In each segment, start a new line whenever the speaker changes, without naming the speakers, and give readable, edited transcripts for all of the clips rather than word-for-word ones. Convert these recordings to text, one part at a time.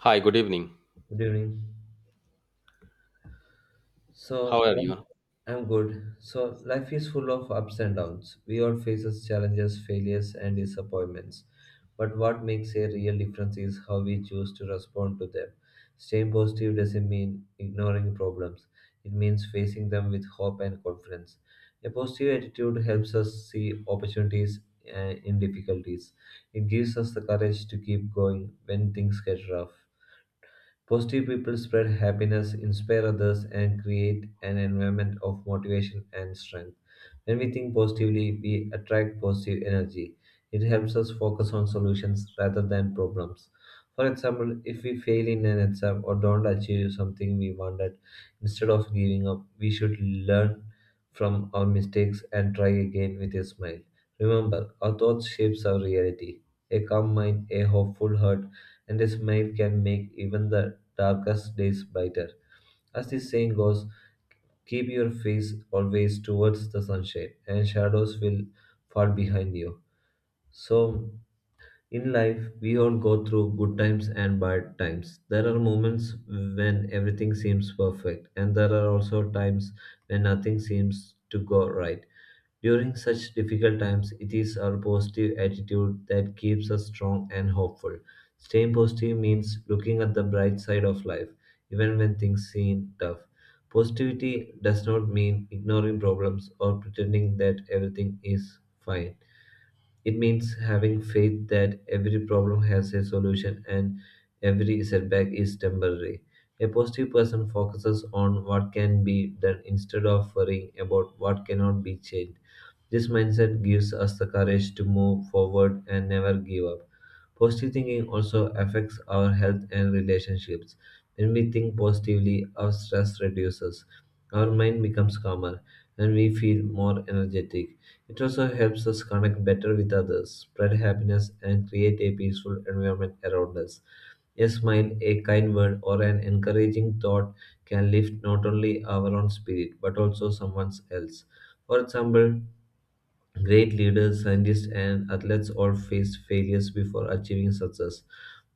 Hi, good evening.
Good evening.
How
So,
are
li-
you?
I'm good. So, life is full of ups and downs. We all faces challenges, failures, and disappointments. But what makes a real difference is how we choose to respond to them. Staying positive doesn't mean ignoring problems. It means facing them with hope and confidence. A positive attitude helps us see opportunities in difficulties. It gives us the courage to keep going when things get rough. Positive people spread happiness, inspire others, and create an environment of motivation and strength. When we think positively, we attract positive energy. It helps us focus on solutions rather than problems. For example, if we fail in an exam or don't achieve something we wanted, instead of giving up, we should learn from our mistakes and try again with a smile. Remember, our thoughts shapes our reality. A calm mind, a hopeful heart, and a smile can make even the darkest days brighter. As the saying goes, keep your face always towards the sunshine, and shadows will fall behind you. So, in life, we all go through good times and bad times. There are moments when everything seems perfect, and there are also times when nothing seems to go right. During such difficult times, it is our positive attitude that keeps us strong and hopeful. Staying positive means looking at the bright side of life, even when things seem tough. Positivity does not mean ignoring problems or pretending that everything is fine. It means having faith that every problem has a solution and every setback is temporary. A positive person focuses on what can be done instead of worrying about what cannot be changed. This mindset gives us the courage to move forward and never give up. Positive thinking also affects our health and relationships. When we think positively, our stress reduces, our mind becomes calmer, and we feel more energetic. It also helps us connect better with others, spread happiness, and create a peaceful environment around us. A smile, a kind word, or an encouraging thought can lift not only our own spirit but also someone else. For example, great leaders, scientists, and athletes all faced failures before achieving success.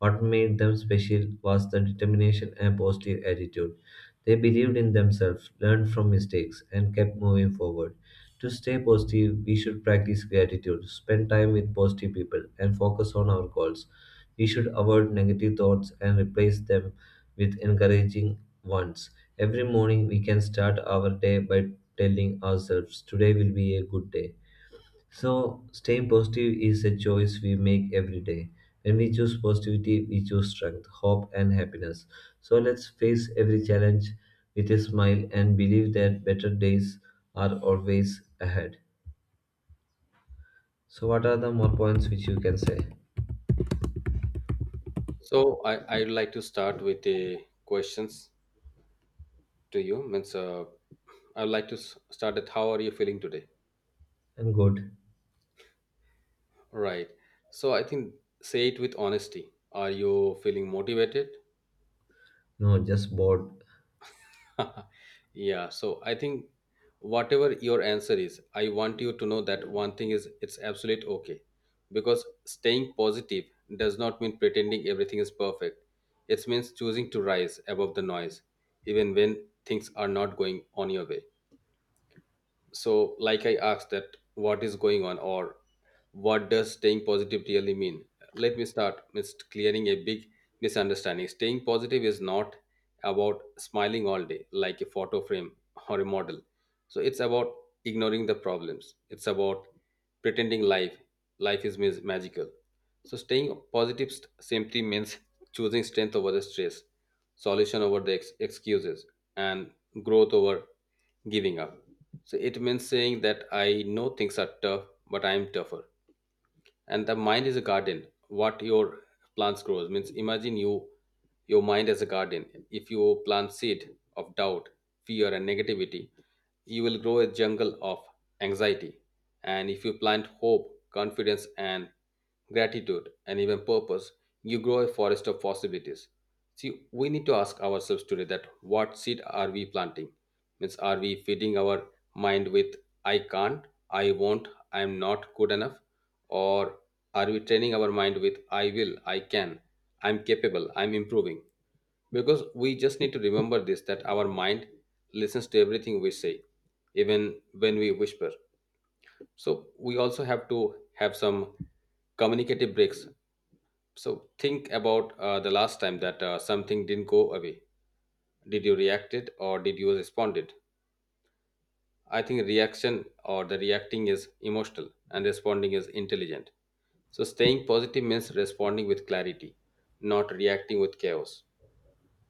What made them special was the determination and positive attitude. They believed in themselves, learned from mistakes, and kept moving forward. To stay positive, we should practice gratitude, spend time with positive people, and focus on our goals. We should avoid negative thoughts and replace them with encouraging ones. Every morning, we can start our day by telling ourselves, "Today will be a good day." So, staying positive is a choice we make every day. When we choose positivity, we choose strength, hope, and happiness. So, let's face every challenge with a smile and believe that better days are always ahead. So, what are the more points which you can say?
So I'd like to start with a questions to you. Means I'd like to start at how are you feeling today?
I'm good.
Right. So I think say it with honesty. Are you feeling motivated?
No, just bored.
Yeah, so I think whatever your answer is, I want you to know that one thing is it's absolute okay. Because staying positive does not mean pretending everything is perfect. It means choosing to rise above the noise, even when things are not going on your way. So, like I asked that what is going on, or what does staying positive really mean? Let me start with clearing a big misunderstanding. Staying positive is not about smiling all day like a photo frame or a model. So it's about ignoring the problems. It's about pretending life is magical. So staying positive simply means choosing strength over the stress, solution over the excuses, and growth over giving up. So it means saying that I know things are tough, but I am tougher. And the mind is a garden. What your plants grows means imagine your mind as a garden. If you plant seed of doubt, fear, and negativity, you will grow a jungle of anxiety. And if you plant hope, confidence, and gratitude, and even purpose, you grow a forest of possibilities. See, we need to ask ourselves today that what seed are we planting? Means, are we feeding our mind with I can't, I won't, I'm not good enough? Or are we training our mind with I will, I can, I'm capable, I'm improving? Because we just need to remember this that our mind listens to everything we say, even when we whisper. So we also have to have some communicative breaks. So think about the last time that something didn't go away. Did you react it or did you respond it? I think reaction or the reacting is emotional and responding is intelligent. So staying positive means responding with clarity, not reacting with chaos.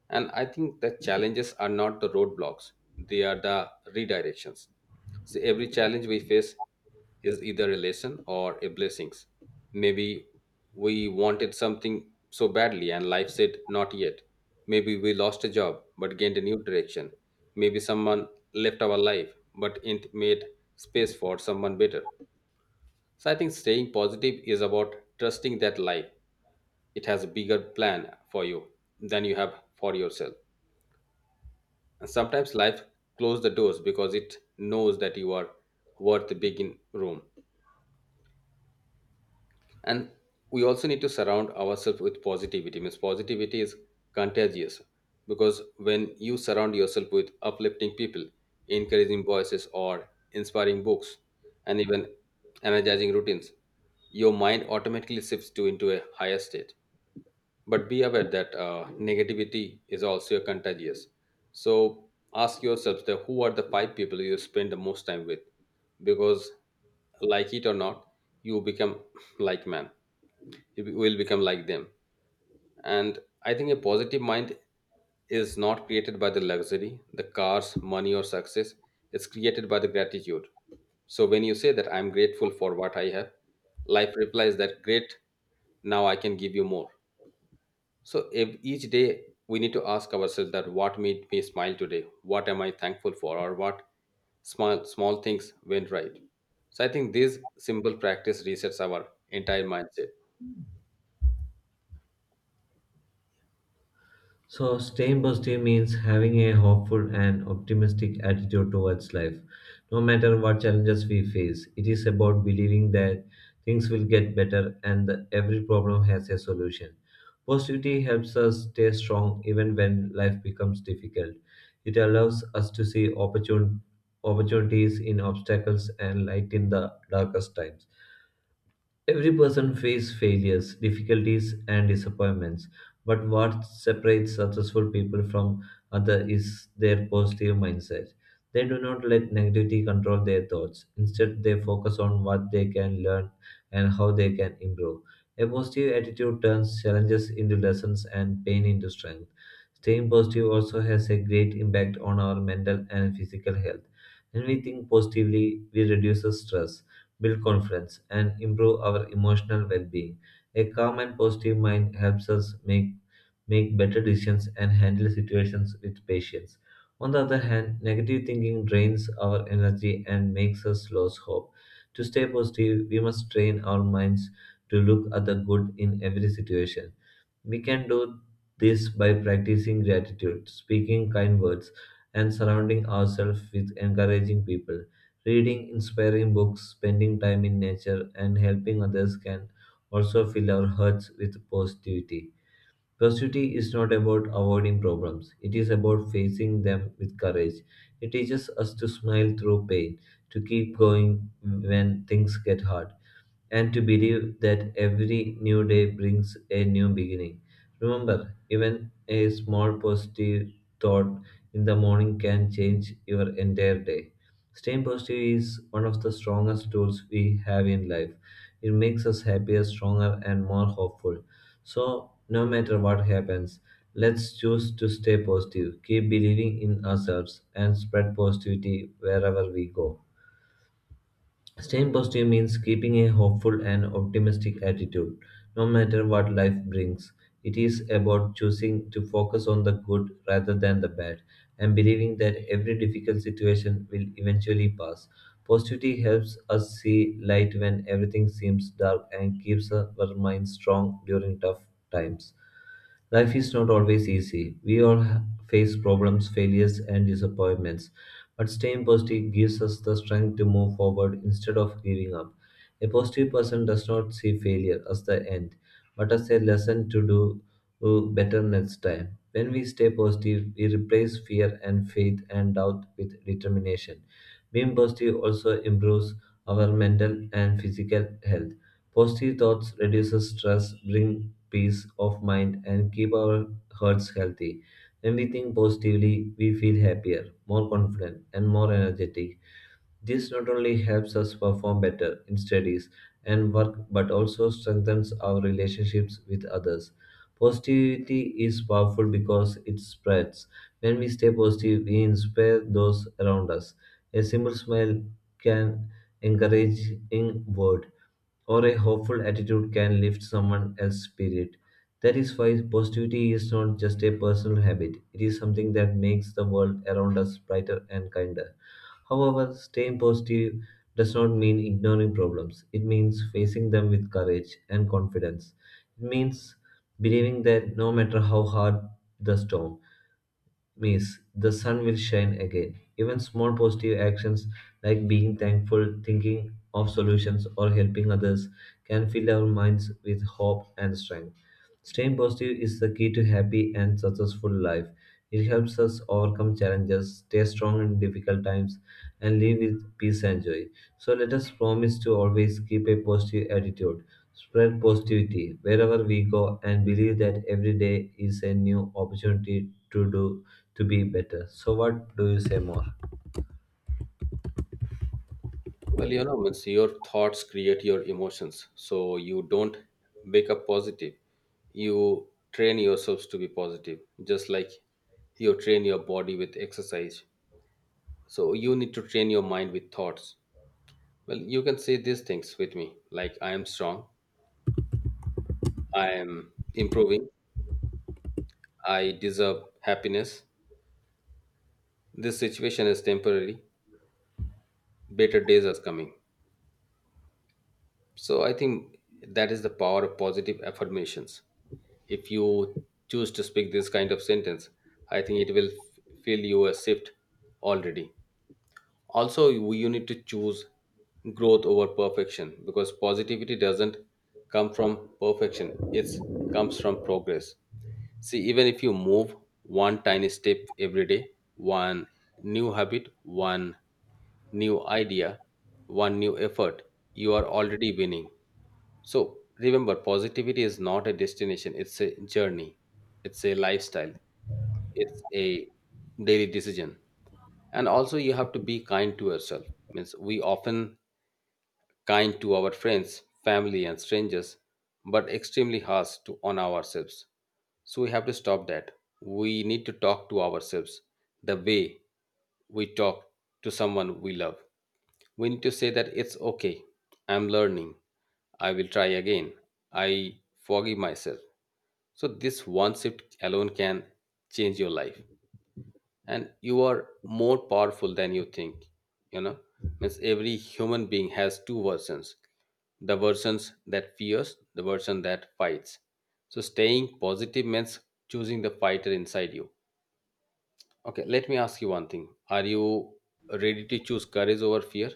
And I think the challenges are not the roadblocks, they are the redirections. So every challenge we face is either a lesson or a blessings. Maybe we wanted something so badly and life said not yet. Maybe we lost a job but gained a new direction. Maybe someone left our life but it made space for someone better. So I think staying positive is about trusting that life. It has a bigger plan for you than you have for yourself. And sometimes life closes the doors because it knows that you are worth the big in room. And we also need to surround ourselves with positivity. Means positivity is contagious because when you surround yourself with uplifting people, encouraging voices or inspiring books, and even energizing routines, your mind automatically shifts to into a higher state. But be aware that negativity is also contagious. So ask yourselves that who are the five people you spend the most time with? Because like it or not, you become like man, you will become like them. And I think a positive mind is not created by the luxury, the cars, money, or success. It's created by the gratitude. So when you say that I'm grateful for what I have, life replies that great, now I can give you more. So each day we need to ask ourselves that what made me smile today? What am I thankful for? Or what small small things went right? So I think this simple practice resets our entire mindset.
So, staying positive means having a hopeful and optimistic attitude towards life, no matter what challenges we face. It is about believing that things will get better and that every problem has a solution. Positivity helps us stay strong even when life becomes difficult. It allows us to see opportunities in obstacles and light in the darkest times. Every person faces failures, difficulties, and disappointments, but what separates successful people from others is their positive mindset. They do not let negativity control their thoughts. Instead, they focus on what they can learn and how they can improve. A positive attitude turns challenges into lessons and pain into strength. Staying positive also has a great impact on our mental and physical health. When we think positively, we reduce stress, build confidence, and improve our emotional well being. A calm and positive mind helps us make better decisions and handle situations with patience. On the other hand, negative thinking drains our energy and makes us lose hope. To stay positive, we must train our minds to look at the good in every situation. We can do this by practicing gratitude, speaking kind words, and surrounding ourselves with encouraging people. Reading inspiring books, spending time in nature, and helping others can also fill our hearts with positivity. Positivity is not about avoiding problems, it is about facing them with courage. It teaches us to smile through pain, to keep going when things get hard, and to believe that every new day brings a new beginning. Remember, even a small positive thought in the morning can change your entire day. Staying positive is one of the strongest tools we have in life. It makes us happier, stronger, and more hopeful. So, no matter what happens, let's choose to stay positive, keep believing in ourselves, and spread positivity wherever we go. Staying positive means keeping a hopeful and optimistic attitude, no matter what life brings. It is about choosing to focus on the good rather than the bad and believing that every difficult situation will eventually pass. Positivity helps us see light when everything seems dark and keeps our minds strong during tough times. Life is not always easy. Face problems, failures, and disappointments. But staying positive gives us the strength to move forward instead of giving up. A positive person does not see failure as the end, but as a lesson to do better next time. When we stay positive, we replace fear and faith and doubt with determination. Being positive also improves our mental and physical health. Positive thoughts reduces stress, bring peace of mind, and keep our hearts healthy. When we think positively, we feel happier, more confident, and more energetic. This not only helps us perform better in studies and work but also strengthens our relationships with others. Positivity is powerful because it spreads. When we stay positive, we inspire those around us. A simple smile can encourage in word, or a hopeful attitude can lift someone else's spirit. That is why positivity is not just a personal habit, it is something that makes the world around us brighter and kinder. However, staying positive does not mean ignoring problems. It means facing them with courage and confidence. It means believing that no matter how hard the storm, Miss, the sun will shine again. Even small positive actions like being thankful, thinking of solutions, or helping others can fill our minds with hope and strength. Staying positive is the key to happy and successful life. It helps us overcome challenges, stay strong in difficult times, and live with peace and joy. So let us promise to always keep a positive attitude, spread positivity wherever we go, and believe that every day is a new opportunity to be better. So, what do you say more?
Well, means your thoughts create your emotions. So you don't wake up positive. You train yourselves to be positive, just like you train your body with exercise. So you need to train your mind with thoughts. Well, you can say these things with me, like I am strong, I am improving. I deserve happiness. This situation is temporary. Better days are coming. So I think that is the power of positive affirmations. If you choose to speak this kind of sentence, I think it will feel you a shift already. Also, you need to choose growth over perfection because positivity doesn't come from perfection, it comes from progress. See, even if you move one tiny step every day, one new habit, one new idea, one new effort, you are already winning. So remember, positivity is not a destination, it's a journey, it's a lifestyle, it's a daily decision. And also, you have to be kind to yourself. Means we often kind to our friends, family, and strangers, but extremely harsh on ourselves. So we have to stop that. We need to talk to ourselves the way we talk to someone we love. We need to say that it's okay. I'm learning. I will try again. I forgive myself. So this one shift alone can change your life and you are more powerful than you think you know Means every human being has two versions, the versions that fears, the version that fights. So staying positive means choosing the fighter inside you. Okay, let me ask you one thing. Are you ready to choose courage over fear?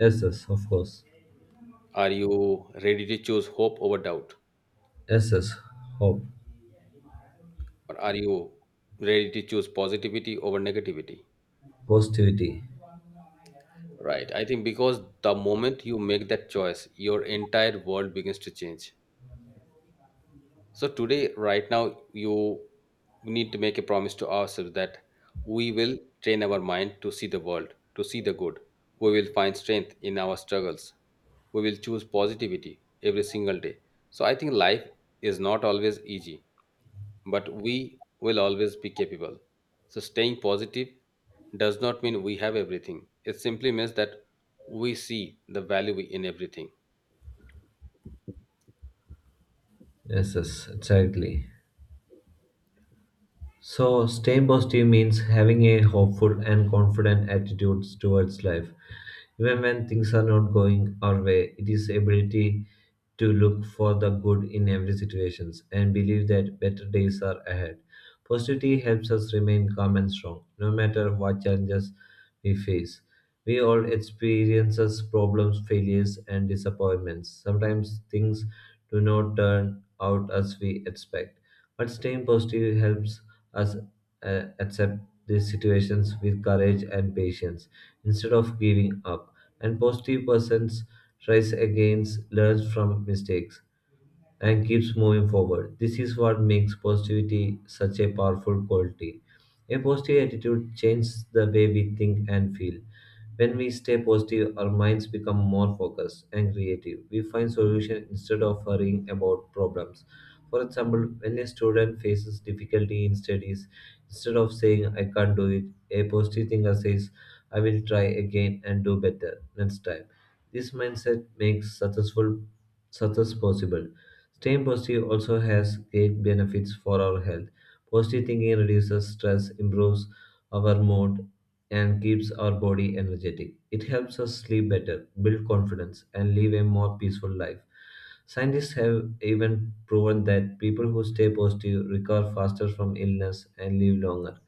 Yes, yes, of course.
Are you ready to choose hope over doubt?
Yes, yes, hope,
Or are you ready to choose positivity over negativity?
positivity.
Right. I think because the moment you make that choice, your entire world begins to change. So today, right now, you need to make a promise to ourselves that we will train our mind to see the world, to see the good. We will find strength in our struggles. We will choose positivity every single day. So I think life is not always easy, but we will always be capable. So staying positive does not mean we have everything. It simply means that we see the value in everything.
Yes, yes, exactly. So, staying positive means having a hopeful and confident attitude towards life. Even when things are not going our way, it is ability to look for the good in every situation and believe that better days are ahead. Positivity helps us remain calm and strong, no matter what challenges we face. We all experiences problems, failures, and disappointments. Sometimes things do not turn out as we expect, but staying positive helps us accept these situations with courage and patience instead of giving up. And positive persons rise against, learn from mistakes, and keeps moving forward. This is what makes positivity such a powerful quality. A positive attitude changes the way we think and feel. When we stay positive, our minds become more focused and creative. We find solutions instead of worrying about problems. For example, when a student faces difficulty in studies, instead of saying, "I can't do it," a positive thinker says, "I will try again and do better next time." This mindset makes success possible. Staying positive also has great benefits for our health. Positive thinking reduces stress, improves our mood, and keeps our body energetic. It helps us sleep better, build confidence, and live a more peaceful life. Scientists have even proven that people who stay positive recover faster from illness and live longer,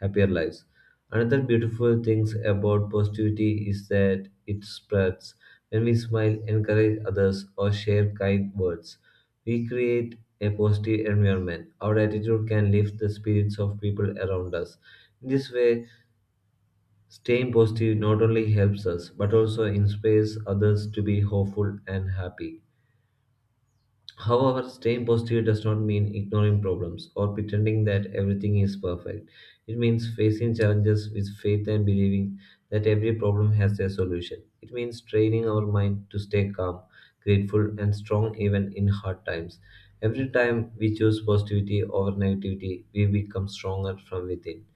happier lives. Another beautiful thing about positivity is that it spreads. When we smile, encourage others, or share kind words, we create a positive environment. Our attitude can lift the spirits of people around us. In this way, staying positive not only helps us but also inspires others to be hopeful and happy. However, staying positive does not mean ignoring problems or pretending that everything is perfect. It means facing challenges with faith and believing that every problem has a solution. It means training our mind to stay calm, grateful, and strong even in hard times. Every time we choose positivity over negativity, we become stronger from within.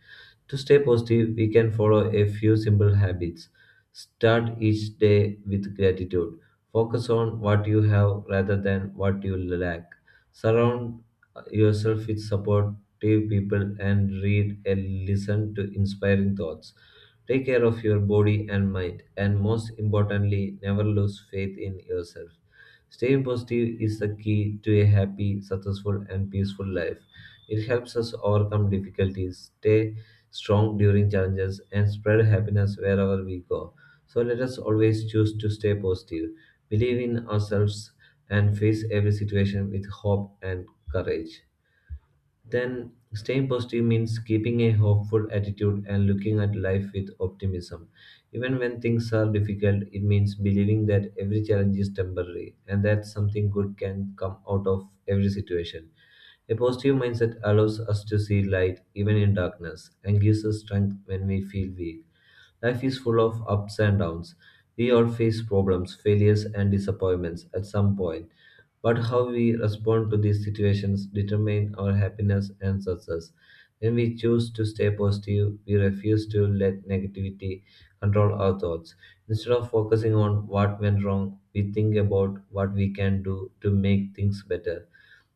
To stay positive, we can follow a few simple habits. Start each day with gratitude. Focus on what you have rather than what you lack. Surround yourself with supportive people and read and listen to inspiring thoughts. Take care of your body and mind, and most importantly, never lose faith in yourself. Staying positive is the key to a happy, successful, and peaceful life. It helps us overcome difficulties, stay strong during challenges, and spread happiness wherever we go. So let us always choose to stay positive, believe in ourselves, and face every situation with hope and courage. Then staying positive means keeping a hopeful attitude and looking at life with optimism. Even when things are difficult, it means believing that every challenge is temporary and that something good can come out of every situation. A positive mindset allows us to see light even in darkness and gives us strength when we feel weak. Life is full of ups and downs. We all face problems, failures, and disappointments at some point. But how we respond to these situations determine our happiness and success. When we choose to stay positive, we refuse to let negativity control our thoughts. Instead of focusing on what went wrong, we think about what we can do to make things better.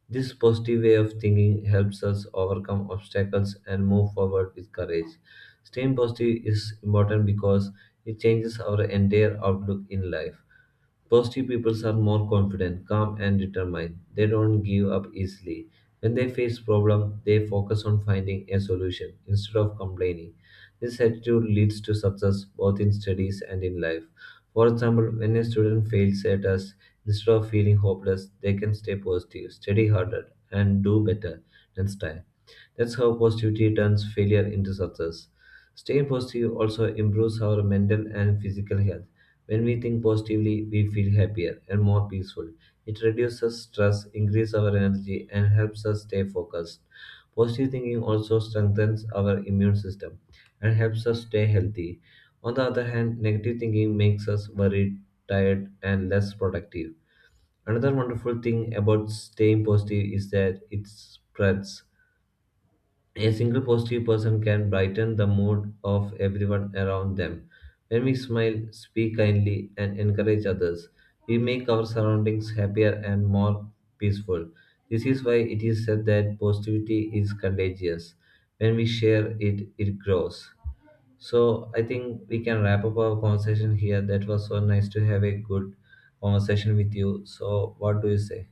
This positive way of thinking helps us overcome obstacles and move forward with courage. Staying positive is important because it changes our entire outlook in life. Positive people are more confident, calm, and determined. They don't give up easily. When they face problem, they focus on finding a solution instead of complaining. This attitude leads to success both in studies and in life. For example, when a student fails a test, instead of feeling hopeless, they can stay positive, study harder, and do better next time. That's how positivity turns failure into success. Staying positive also improves our mental and physical health. When we think positively, we feel happier and more peaceful. It reduces stress, increases our energy, and helps us stay focused. Positive thinking also strengthens our immune system and helps us stay healthy. On the other hand, negative thinking makes us worried, tired, and less productive. Another wonderful thing about staying positive is that it spreads. A single positive person can brighten the mood of everyone around them. When we smile, speak kindly, and encourage others, we make our surroundings happier and more peaceful. This is why it is said that positivity is contagious. When we share it, it grows. So I think we can wrap up our conversation here. That was so nice to have a good conversation with you. So what do you say?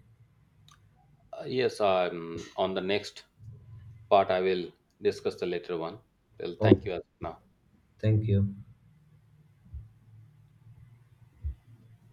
Yes, on the next part I will discuss the later one. Well,
Oh,
thank you as of now.
thank you.